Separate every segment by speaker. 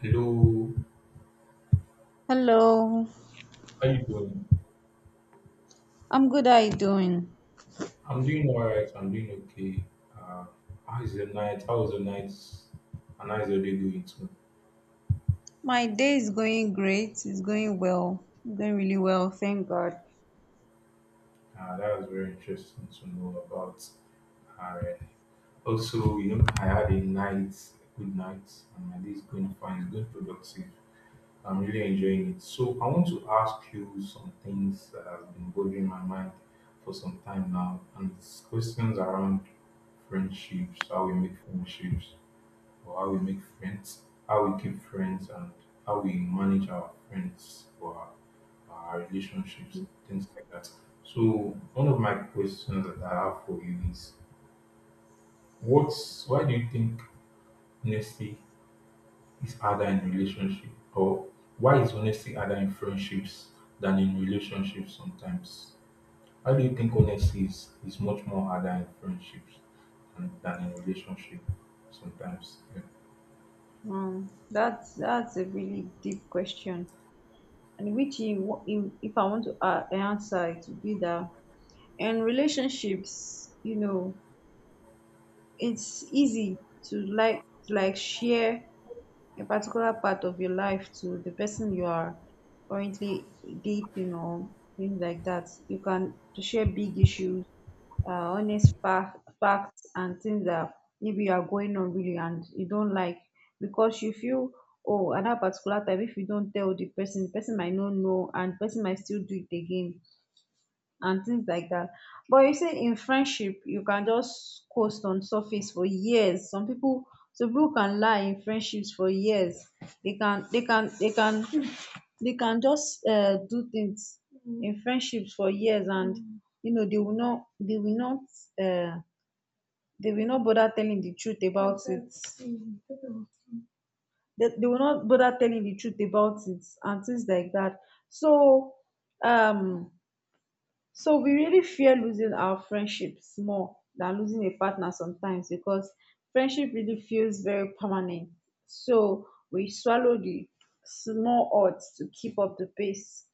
Speaker 1: Hello,
Speaker 2: Hello,
Speaker 1: how you doing?
Speaker 2: I'm good. How are you doing?
Speaker 1: I'm doing all right. I'm doing okay. Uh, how is your night? How was your night? And how is your day going too?
Speaker 2: My day is going great. It's going well. It's going really well. Thank God.
Speaker 1: That was very interesting to know about. Uh, also, I had a night, good night, and my day is going fine. It's going productive. I'm really enjoying it. So I want to ask you some things that have been bothering my mind for some time now, and it's questions around friendships, how we make friendships or how we make friends, how we keep friends, and how we manage our friends or our relationships, things like that. So, one of my questions that I have for you is what's why do you think honesty is harder in relationship, or why is honesty harder in friendships than in relationships sometimes? Why do you think honesty is much more harder in friendships than in relationship sometimes?
Speaker 2: That's a really deep question, and if I want to answer, it would be that. And relationships, it's easy to like share a particular part of your life to the person you are currently dating or things like that. You can to share big issues, honest facts and things that maybe you are going on really and you don't like, because you feel, oh, at that particular time, if you don't tell the person, the person might not know and the person might still do it again and things like that. But you see, in friendship, you can just coast on surface for years. Some people can lie in friendships for years. They can, they can, they can, they can just do things in friendships for years, and uh, they will not bother telling the truth about it. They will not bother telling the truth about it and things like that. So, um so we really fear losing our friendships more than losing a partner sometimes, because friendship really feels very permanent. So we swallow the small odds to keep up the pace.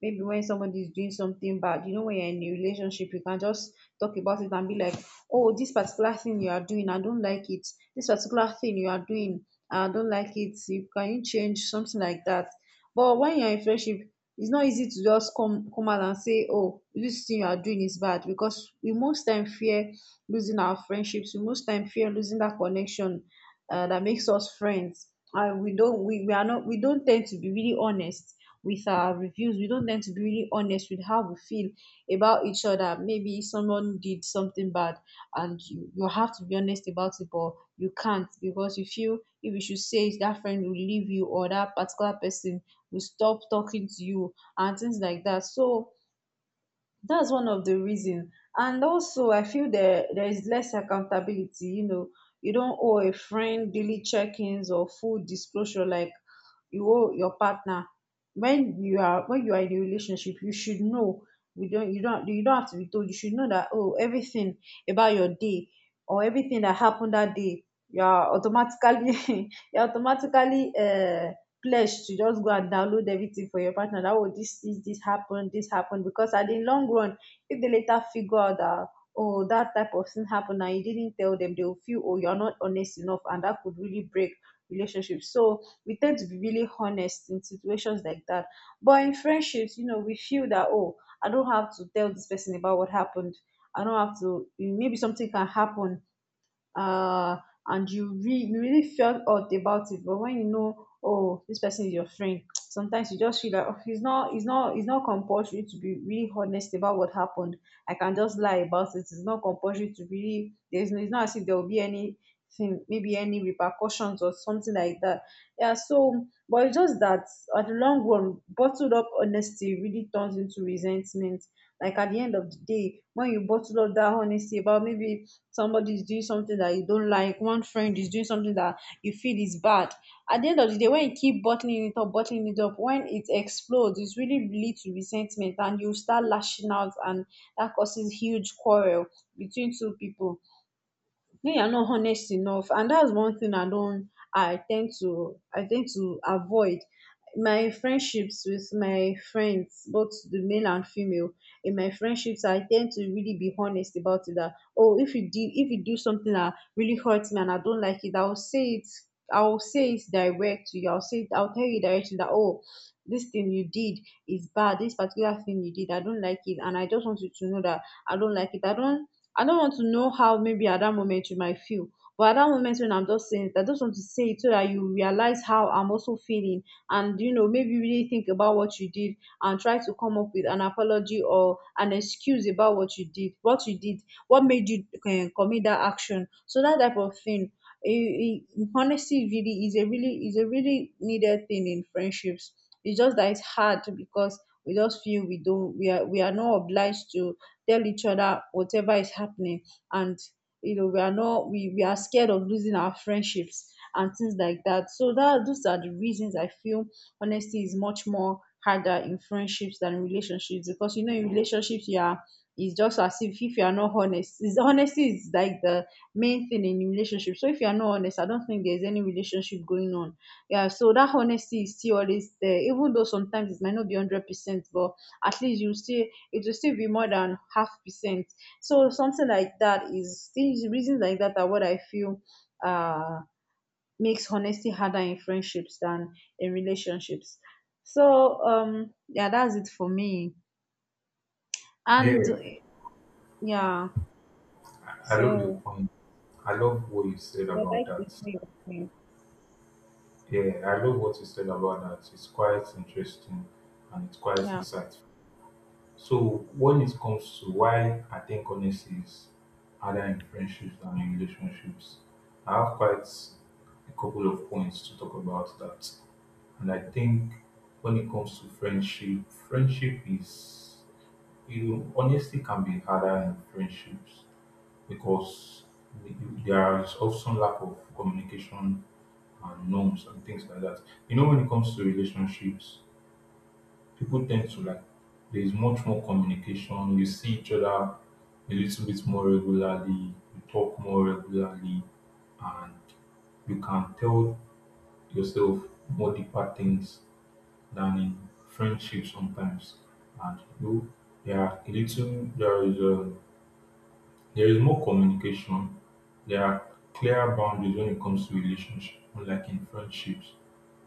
Speaker 2: Maybe when somebody is doing something bad, when you're in a relationship, you can just talk about it and be like, oh, this particular thing you are doing, I don't like it. This particular thing you are doing, I don't like it. You can, you change something like that. But when you're in friendship, it's not easy to just come out and say, oh, this thing you are doing is bad, because we most time fear losing our friendships. We most time fear losing that connection, that makes us friends. And we don't we are not we don't tend to be really honest with our reviews. We don't tend to be really honest with how we feel about each other. Maybe someone did something bad and you have to be honest about it, but you can't, because you feel, if you should say it, that friend will leave you, or that particular person will stop talking to you, and things like that. So that's one of the reason. And also, I feel there is less accountability. You don't owe a friend daily check-ins or full disclosure like you owe your partner. When you are in a relationship, you should know. We don't you don't you don't have to be told. You should know that, oh, everything about your day, or everything that happened that day, you are automatically, you're automatically pledge to just go and download everything for your partner. That, oh, this happened, because at the long run, if they later figure out that, oh, that type of thing happened and you didn't tell them, they will feel, oh, you're not honest enough, and that could really break relationships. So we tend to be really honest in situations like that. But in friendships, we feel that, oh, I don't have to tell this person about what happened. I don't have to. Maybe something can happen, uh, and you, you really felt odd about it. But when you know, oh, this person is your friend, sometimes you just feel like, oh, it's not compulsory to be really honest about what happened. I can just lie about it. It's not compulsory to really. There's no- It's not as if there will be anything, maybe any repercussions or something like that. Yeah, so, but its just that, at the long run, bottled up honesty really turns into resentment. Like, at the end of the day, when you bottle up that honesty about, maybe somebody is doing something that you don't like, one friend is doing something that you feel is bad, at the end of the day, when you keep bottling it up, bottling it up, when it explodes, it's really lead to resentment and you start lashing out, and that causes huge quarrel between two people. Me, I am not honest enough, and that's one thing I don't. I tend to avoid. My friendships with my friends, both the male and female, in my friendships I tend to really be honest about it. That, oh, if you do something that really hurts me and I don't like it, I will say it. I will say it direct to you. I will say it. I will tell you directly that, oh, this thing you did is bad. This particular thing you did, I don't like it. And I just want you to know that I don't like it. I don't, I don't want to know how, maybe at that moment, you might feel. But at that moment, when I'm just saying it, I just want to say it, so that you realize how I'm also feeling, and you know, maybe really think about what you did, and try to come up with an apology or an excuse about what you did, what made you commit that action. So that type of thing. It, it honesty really is a really needed thing in friendships. It's just that it's hard because we just feel, we are not obliged to tell each other whatever is happening. And you know we are not we, we are scared of losing our friendships and things like that. So that, those are the reasons I feel honesty is much more harder in friendships than in relationships, because in relationships, you are, it's just as if you are not honest. Honesty is like the main thing in relationship. So if you are not honest, I don't think there's any relationship going on. Yeah, so that honesty is still always there, even though sometimes it might not be 100%, but at least, you still it will still be more than half percent. So something like that is things reasons like that are what I feel uh makes honesty harder in friendships than in relationships. So, yeah, that's it for me. And
Speaker 1: Yeah.
Speaker 2: yeah,
Speaker 1: I love your
Speaker 2: so
Speaker 1: point. I love what you said
Speaker 2: I'd
Speaker 1: about
Speaker 2: like to
Speaker 1: that.
Speaker 2: hear your thing.
Speaker 1: Yeah, I love what you said about that. It's quite interesting and it's quite
Speaker 2: Yeah.
Speaker 1: insightful. So when it comes to why I think honesty is harder in friendships than in relationships, I have quite a couple of points to talk about that. And I think when it comes to friendship, friendship is you know, honesty can be harder in friendships because there is often lack of communication and norms and things like that. You know, when it comes to relationships, people tend to like there is much more communication. You see each other a little bit more regularly, you talk more regularly, and you can tell yourself more deeper things than in friendship sometimes. And you know, there are a little there is a There is more communication, there are clearer boundaries when it comes to relationship, unlike in friendships.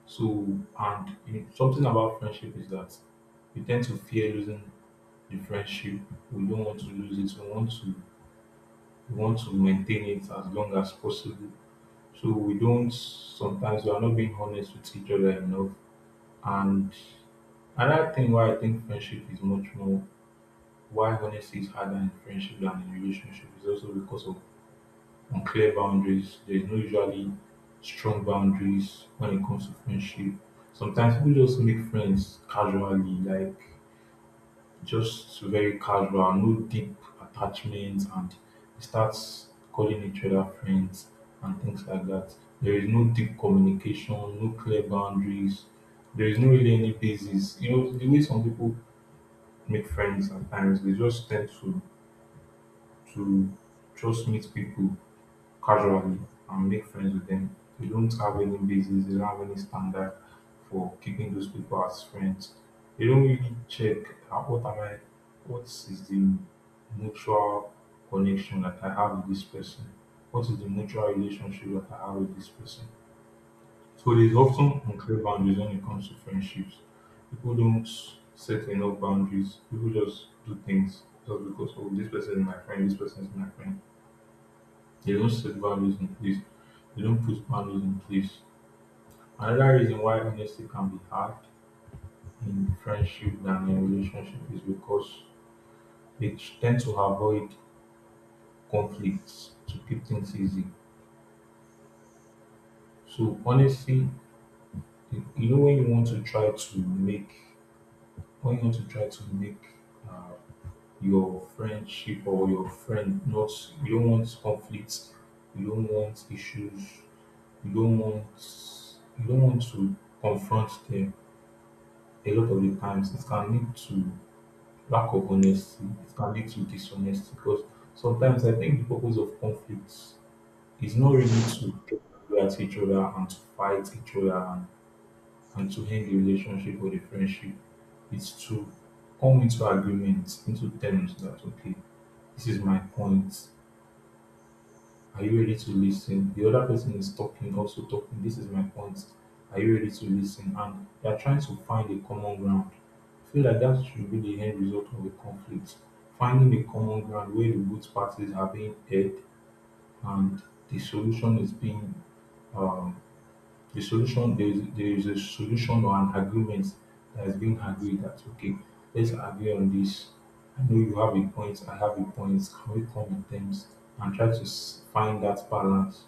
Speaker 1: So, something about friendship is that we tend to fear losing the friendship. We don't want to lose it. We want to maintain it as long as possible. So we don't sometimes we are not being honest with each other enough. And another thing why I think friendship is much more why honesty is harder in friendship than in relationship is also because of on clear boundaries. There's no usually strong boundaries when it comes to friendship. Sometimes people just make friends casually, like just very casual, no deep attachments, and they start calling each other friends and things like that. There is no deep communication, no clear boundaries. There is no really any basis. You know, the way some people make friends at times, they just tend to just meet people casually and make friends with them. They don't have any basis, they don't have any standard for keeping those people as friends. They don't really check what am I what is the mutual connection that I have with this person? What is the mutual relationship that I have with this person? So there's often unclear boundaries when it comes to friendships. People don't set enough boundaries. People just do things just because oh this person is my friend, this person is my friend, they don't set values in place. They don't put values in place. Another reason why honesty can be hard in friendship than in relationship is because they tend to avoid conflicts to keep things easy. So honesty, you know, when you want to try to make, when you want to try to make uh, your friendship or your friend not, you don't want conflicts, you don't want issues, you don't want, you don't want to confront them, a lot of the times it can lead to lack of honesty, it can lead to dishonesty because sometimes I think the purpose of conflicts is not really to get angry at each other and to fight each other and to end the relationship or the friendship. It's to come into agreement, into terms that okay, this is my point, are you ready to listen? The other person is talking, also talking. This is my point. Are you ready to listen? And they are trying to find a common ground. I feel like that should be the end result of a conflict. Finding a common ground where the both parties are being heard and the solution is being um, the solution there is a solution or an agreement that is being agreed that okay, let's agree on this. I know you have a point, I have a point. Can we come in terms and try to find that balance?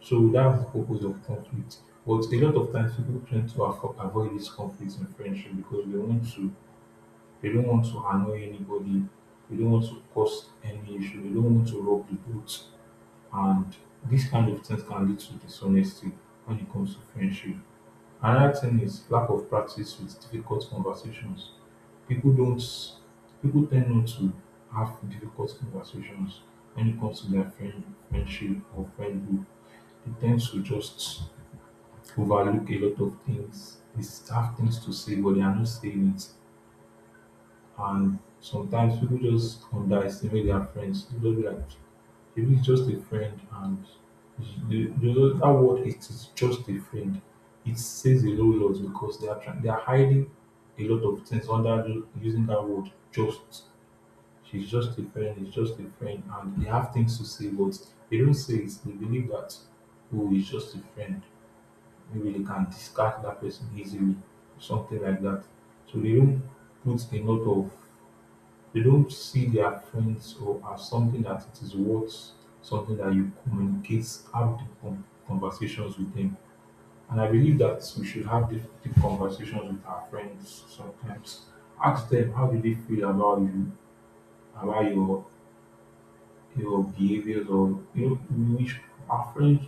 Speaker 1: So that's the purpose of conflict. But a lot of times people tend to avoid this conflict in friendship because they don't want to annoy anybody, they don't want to cause any issue, they don't want to rock the boat. And these kind of things can lead to dishonesty when it comes to friendship. Another thing is lack of practice with difficult conversations. People don't people tend not to have difficult conversations when it comes to their friendship or friend group. They tend to just overlook a lot of things. They have things to say, but they are not saying it. And sometimes people just underestimate their friends. They just be like, maybe it's just a friend, and they just, that word, it is just a friend. It says a whole lot because they are trying, they are hiding a lot of things under using that word just. She's just a friend. It's just a friend, and they have things to say, but they don't say it. They believe that oh, it's just a friend, maybe they can discard that person easily, something like that. So they don't put a lot of, they don't see their friends or as something that it is worth, something that you communicate, have deep conversations with them. And I believe that we should have deep, deep conversations with our friends sometimes. Ask them how do they feel about you, about your behaviors, or you know, our friends.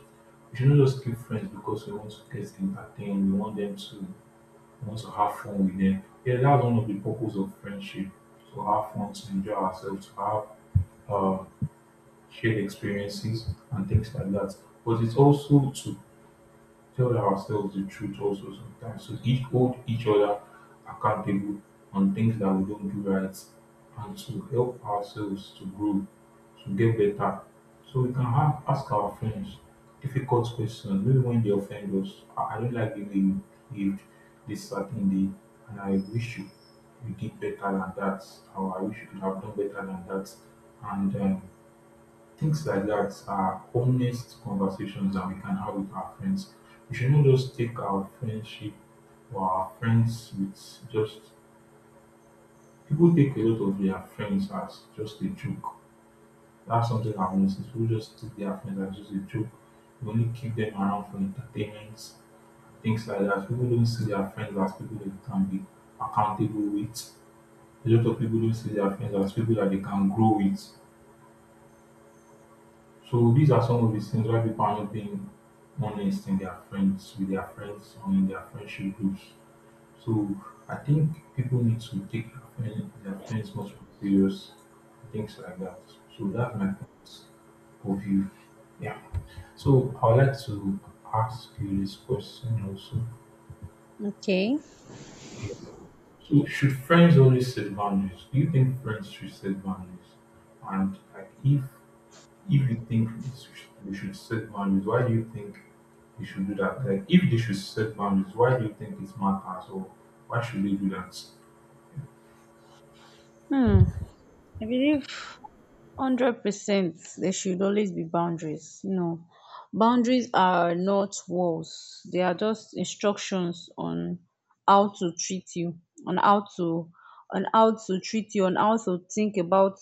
Speaker 1: We should not just keep friends because we want to get entertained. We want to have fun with them. Yeah, that's one of the purpose of friendship. To have fun, to enjoy ourselves, to have uh, shared experiences and things like that. But it's also to tell ourselves the truth also sometimes. So each hold each other accountable on things that we don't do right and to help ourselves to grow, to get better. So we can have, ask our friends difficult questions, maybe when they offend us. I don't like the way you behaved this certain day, and I wish you, you did better than that, or I wish you could have done better than that. And things like that are honest conversations that we can have with our friends. We should not just take our friendship or our friends with just people take a lot of their friends as just a joke. That's something I've noticed. People just take their friends as just a joke. We only keep them around for entertainment, things like that. People don't see their friends as people they can be accountable with. A lot of people don't see their friends as people that they can grow with. So these are some of the things why people are not being honest in their friends with their friends or in their friendship groups. So I think people need to take their friends much more serious, things like that. So
Speaker 2: Mm.
Speaker 1: that's my point of view. Yeah. So I would like to ask you this question also.
Speaker 2: Okay.
Speaker 1: Yeah. So should friends always set boundaries? Do you think friends should set boundaries? And like if you think this we should set boundaries, why do you think we should do that? Like, if they should set boundaries, why do you think it matters, or why should they do that?
Speaker 2: hmm I believe 100% there should always be boundaries. Boundaries are not walls, they are just instructions on how to treat you, on how to, on how to treat you on how to think about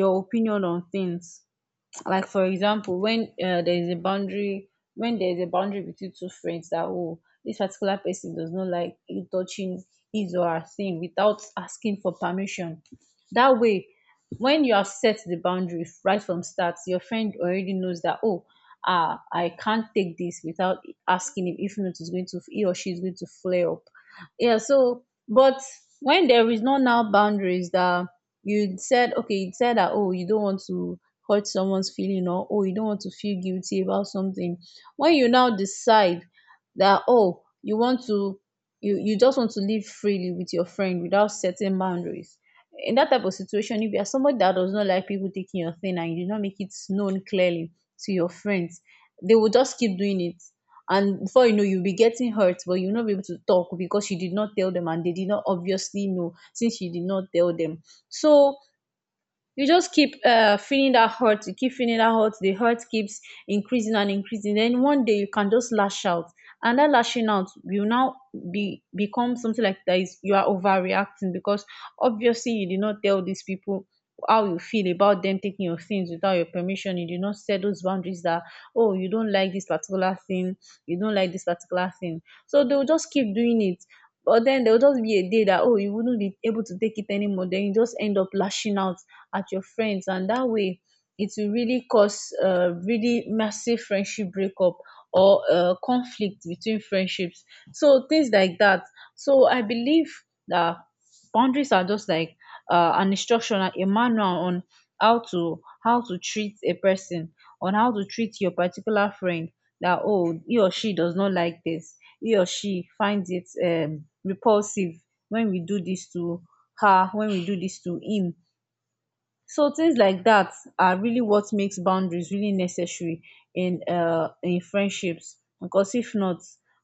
Speaker 2: your opinion on things. Like, for example, when, there is a boundary when there is a boundary between two friends, that, oh, this particular person does not like you touching his or her thing without asking for permission. That way, when you have set the boundary right from start, your friend already knows that, oh, ah, I can't take this without asking him, if not, he or she is going to flare up. Yeah, so, but when there is no now boundaries, that you said okay, you said that, oh, you don't want to hurt someone's feeling, or, oh, you don't want to feel guilty about something. When you now decide that, oh, you just want to live freely with your friend without setting boundaries, in that type of situation, if you are somebody that does not like people taking your thing and you do not make it known clearly to your friends, they will just keep doing it. And before you know, you'll be getting hurt but you'll not be able to talk because you did not tell them, and they did not obviously know, since you did not tell them. So you just keep, feeling that hurt, you keep feeling that hurt, the hurt keeps increasing and increasing, then one day you can just lash out. And that lashing out will now be become something like that is, you are overreacting, because obviously you did not tell these people how you feel about them taking your things without your permission. You did not set those boundaries, that, oh, you don't like this particular thing. You don't like this particular thing. So they'll just keep doing it. But then there will just be a day that, oh, you wouldn't be able to take it anymore. Then you just end up lashing out at your friends, and that way, it will really cause, really massive friendship breakup, or conflict between friendships. So things like that. So I believe that boundaries are just like an instruction, a manual on how to treat a person, on how to treat your particular friend, that oh, he or she does not like this, he or she finds it repulsive when we do this to her, when we do this to him. So things like that are really what makes boundaries really necessary in friendships, because if not,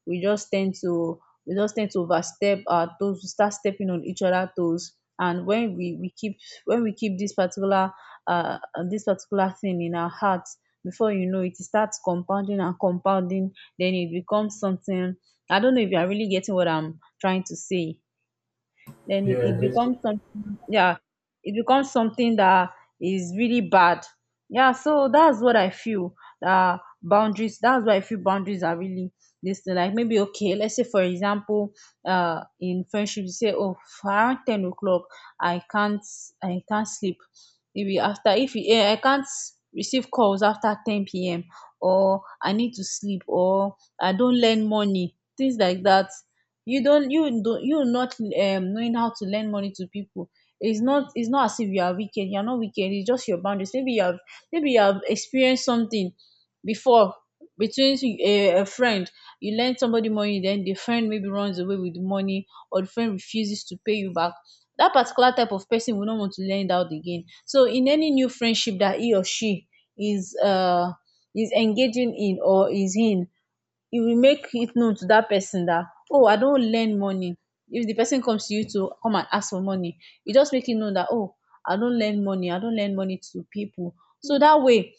Speaker 2: we just tend to we just tend to overstep our toes, we start stepping on each other toes. And when we keep, when we keep uh this particular thing in our hearts, before you know it, e start compounding and compounding, then it becomes something. I don't know if you are really getting what I'm trying to say. Then
Speaker 1: Yeah, I
Speaker 2: it
Speaker 1: guess.
Speaker 2: becomes something, yeah, it becomes something that is really bad. Yeah, so that's what I feel. uh Boundaries, that's why I feel boundaries are really this thing, like maybe, okay, let's say for example, in friendship you say, oh, around 10 o'clock i can't I can't sleep. Maybe after, if you eh, I can't receive calls after 10 p.m, or I need to sleep, or I don't lend money, things like that. You not knowing how to lend money to people, it's not as if you are wicked, you're not wicked, it's just your boundaries. Maybe you have experienced something before between a friend. You lend somebody money, then the friend maybe runs away with the money, or the friend refuses to pay you back. That particular type of person will not want to lend out again. So in any new friendship that he or she is uh is engaging in or is in, you will make it known to that person that oh, I don't lend money. If the person comes to you to come and ask for money, you just make it known that oh, I don't lend money to people. So that way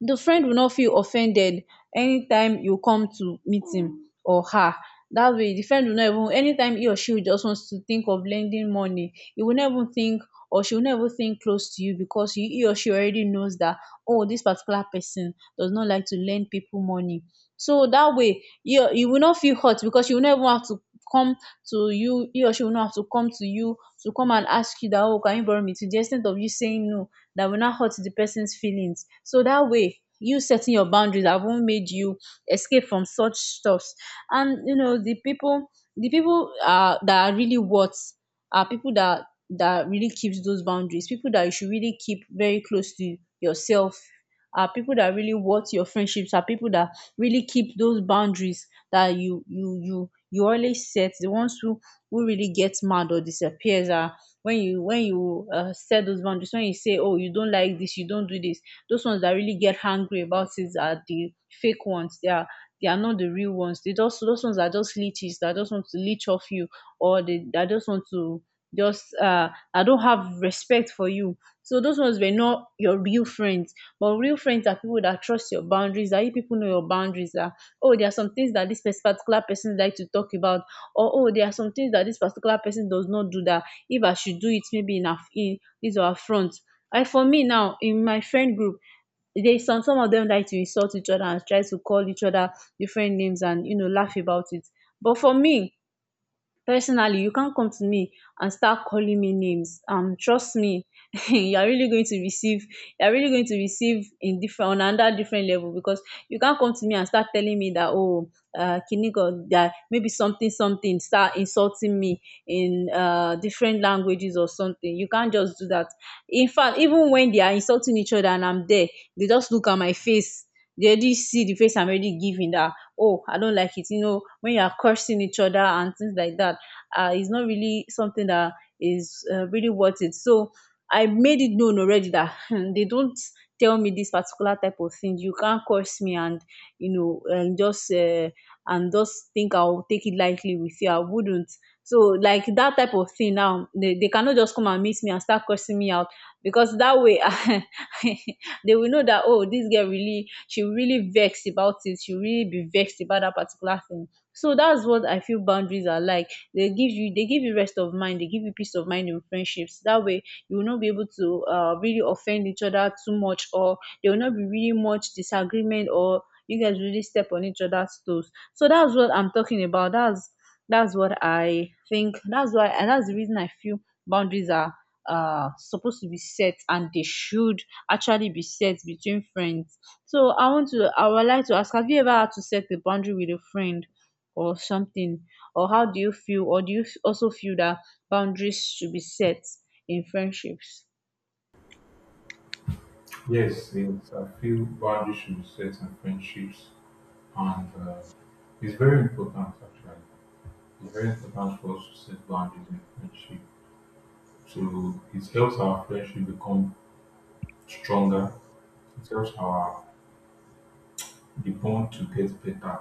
Speaker 2: the friend will not feel offended. Anytime you come to meet him or her, that way the friend will not even, anytime he or she just wants to think of lending money, he will never think, or she will never think close to you, because he or she already knows that oh, this particular person does not like to lend people money. So that way you will not feel hurt, because she will never have to come to you, he or she will not have to come to you to come and ask you that oh, can you borrow me, to di ex of you saying no. That will not hurt the person's feelings. So that way, you setting your boundaries have not made you escape from such stuffs. And you know, the people, the people that are really worth, are people that really keeps those boundaries. People that you should really keep very close to yourself are people that really worth your friendships, are people that really keep those boundaries that you always set. The ones who really get mad or disappears are, when you set those boundaries, when you say, oh, you don't like this, you don't do this. Those ones that really get angry about it are the fake ones, they are, they are not the real ones. They just, those ones are just leeches that just want to leech off you, or they that just want to just I don't have respect for you. So those ones were not your real friends. But real friends are people that trust your boundaries, that you people know your boundaries are, oh, there are some things that this particular person like to talk about, or oh, there are some things that this particular person does not do, that if I should do it maybe in her, in his or her front. And for me now in my friend group, there is some of them like to insult each other and try to call each other different names, and you know, laugh about it. But for me personally, you can't come to me and start calling me names, trust me, you are really going to receive, you are really going to receive in different, on another different level, because you can't come to me and start telling me that oh, kiniko that maybe something something, start insulting me in different languages or something. You can't just do that. In fact, even when they are insulting each other and I'm there, they just look at my face. They already see the face I'm already giving, that oh, I don't like it. You know, when you are cursing each other and things like that, it's not really something that is really worth it. So I made it known already that they don't tell me this particular type of thing. You can't curse me, and, you know, and just think I'll take it lightly with you, I wouldn't. So like that type of thing now, they cannot just come and meet me and start cursing me out, because that way they will know that oh, this girl really, she really vexed about it, she really be vexed about that particular thing. So that's what I feel boundaries are like. They give you rest of mind, they give you peace of mind in friendships. That way you will not be able to really offend each other too much, or there will not be really much disagreement, or you guys really step on each other's toes. So that's what I'm talking about. That's what I think, that's why, and that's the reason I feel boundaries are supposed to be set, and they should actually be set between friends. So I would like to ask, have you ever had to set a boundary with a friend or something? Or how do you feel? Or do you also feel that boundaries should be set in friendships?
Speaker 1: Yes, yes, I feel boundaries should be set in friendships, and it's very important actually. It's very important for us to set boundaries in friendship. So it helps our friendship become stronger. It helps our the bond to get better.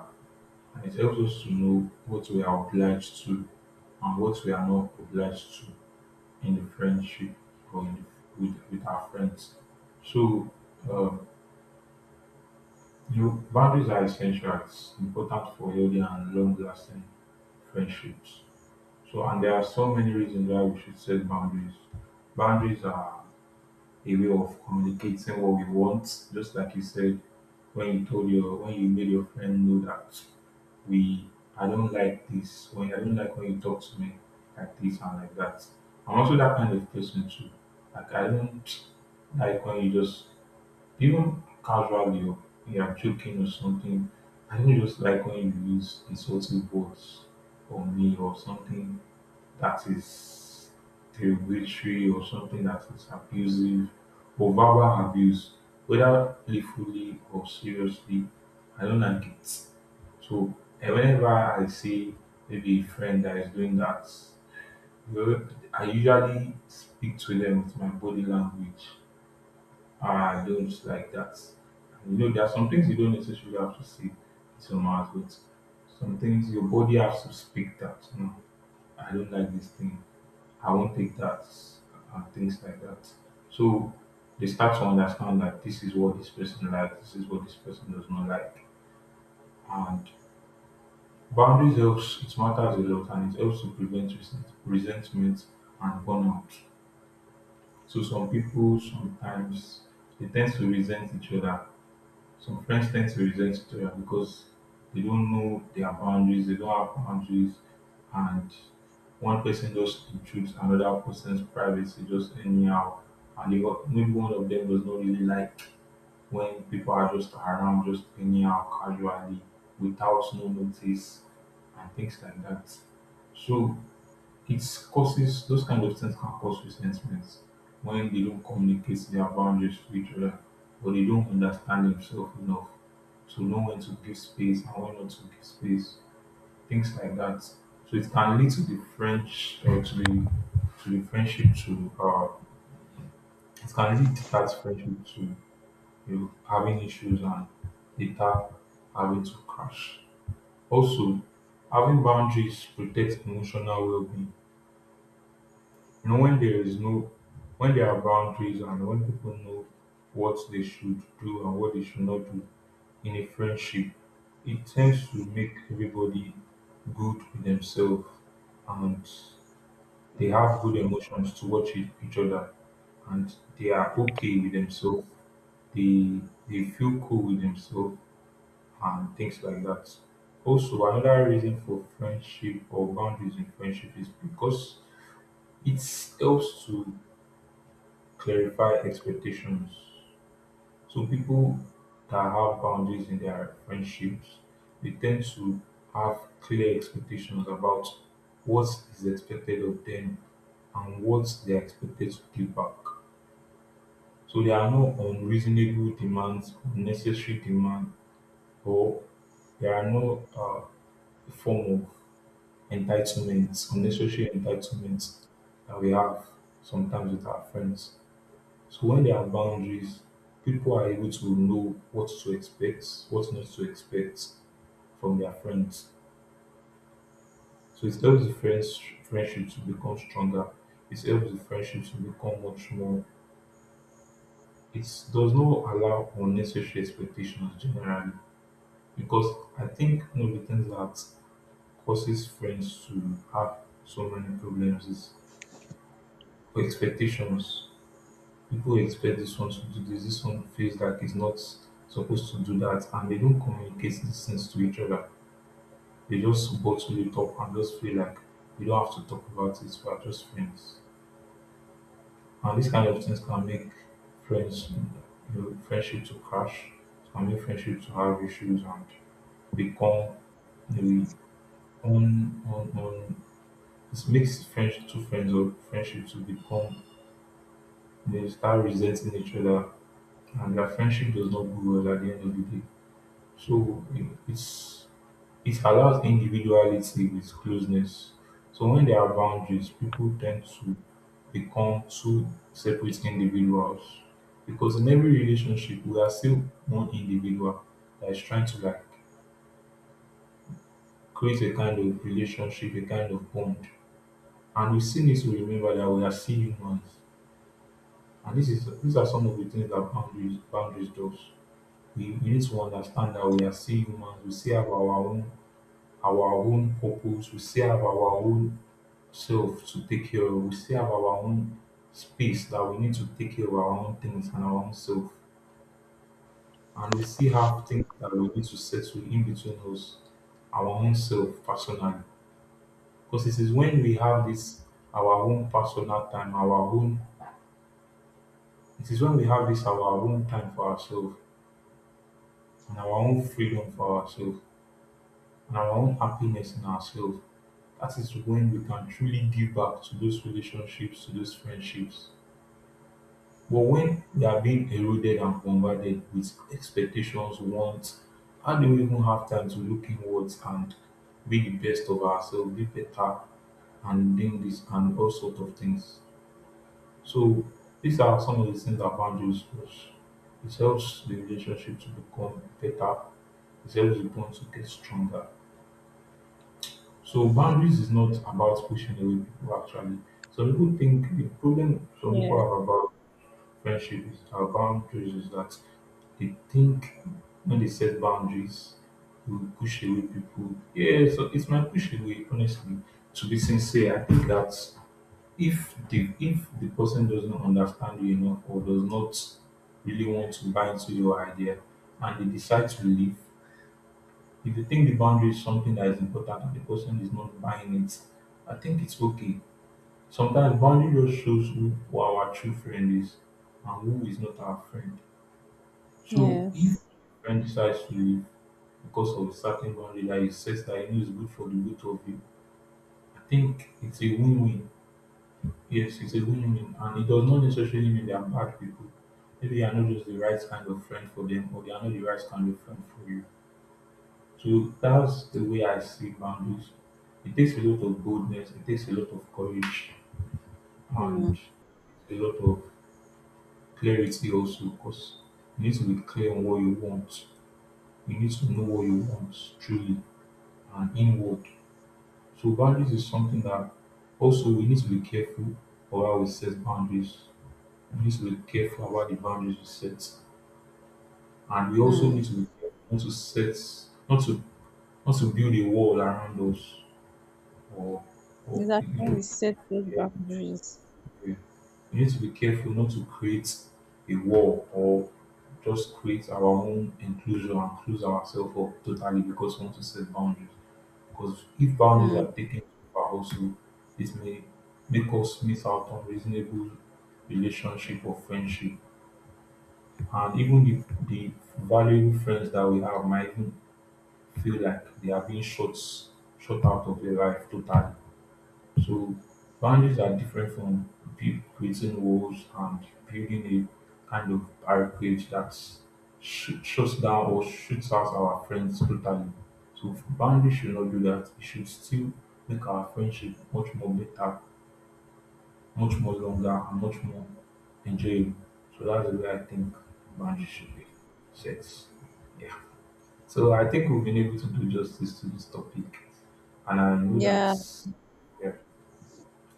Speaker 1: And it helps us to know what we are obliged to and what we are not obliged to in the friendship or in the, with our friends. So, um, you know, boundaries are essential. It's important for healthy and long lasting friendships. So, and there are so many reasons why we should set boundaries. Boundaries are a way of communicating what we want, just like you said when you told your when you made your friend know that we I don't like this when I don't like when you talk to me like this and like that. I'm also that kind of person too. Like I don't like when you just even casually or you are joking or something. I don't just like when you use insulting words on me or something that is derogatory or something that is abusive or verbal abuse, whether playfully or seriously. I don't like it. So whenever I see maybe a friend that is doing that, well, I usually speak to them with my body language. I don't like that. And you know, there are some things you don't necessarily have to say with your mouth, but some things your body has to speak that. No, I don't like this thing. I won't take that. And things like that. So they start to understand that this is what this person likes, this is what this person does not like. And boundaries helps. It matters a lot and it helps to prevent resentment and burnout. So some people sometimes they tend to resent each other. Some friends tend to resent each other because they don't know their boundaries, they don't have boundaries, and one person just intrudes another person's privacy just anyhow, and they got, maybe one of them does not really like when people are just around, just anyhow, casually, without no notice, and things like that. So it causes those kind of things can cause resentment when they don't communicate their boundaries to each other or they don't understand themselves enough to know when to give space and when not to give space, things like that. So it can lead to the French or to the friendship to it can lead that friendship to you having issues and later having to crash. Also, having boundaries protects emotional well-being. You know, when there is no, when there are boundaries and when people know what they should do and what they should not do in a friendship, it tends to make everybody good with themselves and they have good emotions towards each other and they are okay with themselves. They they feel cool with themselves and things like that. Also, another reason for friendship or boundaries in friendship is because it helps to clarify expectations. So, people that have boundaries in their friendships, they tend to have clear expectations about what is expected of them and what they are expected to give back. So, there are no unreasonable demands, unnecessary demand, or there are no form of entitlements, unnecessary entitlements that we have sometimes with our friends. So when there are boundaries, people are able to know what to expect, what not to expect from their friends. So it helps the friendship to become stronger. It helps the friendship to become much more. It does not allow unnecessary expectations generally because I think one of the things that causes friends to have so many problems is expectations people expect this one to do this, this one feels like it's not supposed to do that, and they don't communicate these things to each other. They just bottle it up and just feel like we don't have to talk about it, we are just friends. And these kind of things can make friends, you know, friendship to crash, can make friendship to have issues and become maybe on. It makes friends to friendship to become, they start resenting each other, and their friendship does not go well at the end of the day. So it's it allows individuality with closeness. So when there are boundaries, people tend to become two separate individuals. Because in every relationship, we are still one individual that is trying to like create a kind of relationship, a kind of bond. And we still need to remember that we are still humans. And this is these are some of the things that boundaries does. We need to understand that we are still humans, we still have our own purpose, we still have our own self to take care of, we still have our own space that we need to take care of our own things and our own self. And we still have things that we need to settle in between us, our own self personally. Because it is when we have this our own personal time, our own it is when we have this our own time for ourselves and our own freedom for ourselves and our own happiness in ourselves, that is when we can truly give back to those relationships, to those friendships. But when we are being eroded and bombarded with expectations, wants, and don't even have time to look inwards and be the best of ourselves, be better, and doing this and all sorts of things. So these are some of the things that boundaries does. It helps the relationship to become better. It helps the bond to get stronger. So boundaries is not about pushing away people actually. Some people think the problem some people
Speaker 2: Yes,
Speaker 1: have about friendship is our boundaries is that they think when they set boundaries, we will push away people. Yeah, so it's my push away, honestly. To be sincere, I think that if the person doesn't understand you enough or does not really want to buy into your idea and they decide to leave, if you think the boundary is something that is important and the person is not buying it, I think it's okay. Sometimes boundary just shows who our true friend is and who is not our friend. So if
Speaker 2: yes.
Speaker 1: a friend decides to leave because of a certain boundary that you set that you know is good for the both of you, I think it's a win-win. Yes, it's a win-win, and it does not necessarily mean they are bad people. Maybe you are not just the right kind of friend for them, or they are not the right kind of friend for you. So that's the way I see boundaries. It takes a lot of boldness, it takes a lot of courage, and
Speaker 2: Mm,
Speaker 1: a lot of clarity also because you need to be clear on what you want. You need to know what you want truly and inward. So boundaries is something that also we need to be careful of how we set boundaries. We need to be careful about the boundaries we set. And we also
Speaker 2: mm.
Speaker 1: need to be careful not to set not to not to build a wall around us or or
Speaker 2: Exactly
Speaker 1: you
Speaker 2: when
Speaker 1: know.
Speaker 2: we set those
Speaker 1: Yeah,
Speaker 2: boundaries.
Speaker 1: yeah. We need to be careful not to create a wall or just create our own inclusion and close ourselves up totally because we want to set boundaries. Because if boundaries
Speaker 2: Mm.
Speaker 1: are taken too far, also it may make us miss out on reasonable relationship or friendship. And even if the valuable friends that we have might even feel like they are being shut out of their life totally. So boundaries are different from creating walls and building a kind of barricade that shuts down or shoots out our friends totally. So boundaries should not do that. It should still make our friendship much more better, much more longer, and much more enjoyable. So that's the way I think boundaries should be set. Yeah. So I think we've been able to do justice to this topic, and I know that.
Speaker 2: Yeah,
Speaker 1: Yeah.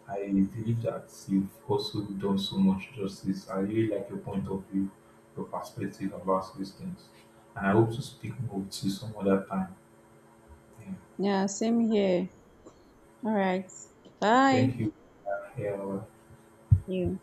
Speaker 1: I believe that you've also done so much justice. I really like your point of view, your perspective about these things. And I hope to speak more with you some other time. Yeah.
Speaker 2: yeah, same here. All right.
Speaker 1: Thank
Speaker 2: Bye.
Speaker 1: you. Yeah.
Speaker 2: You.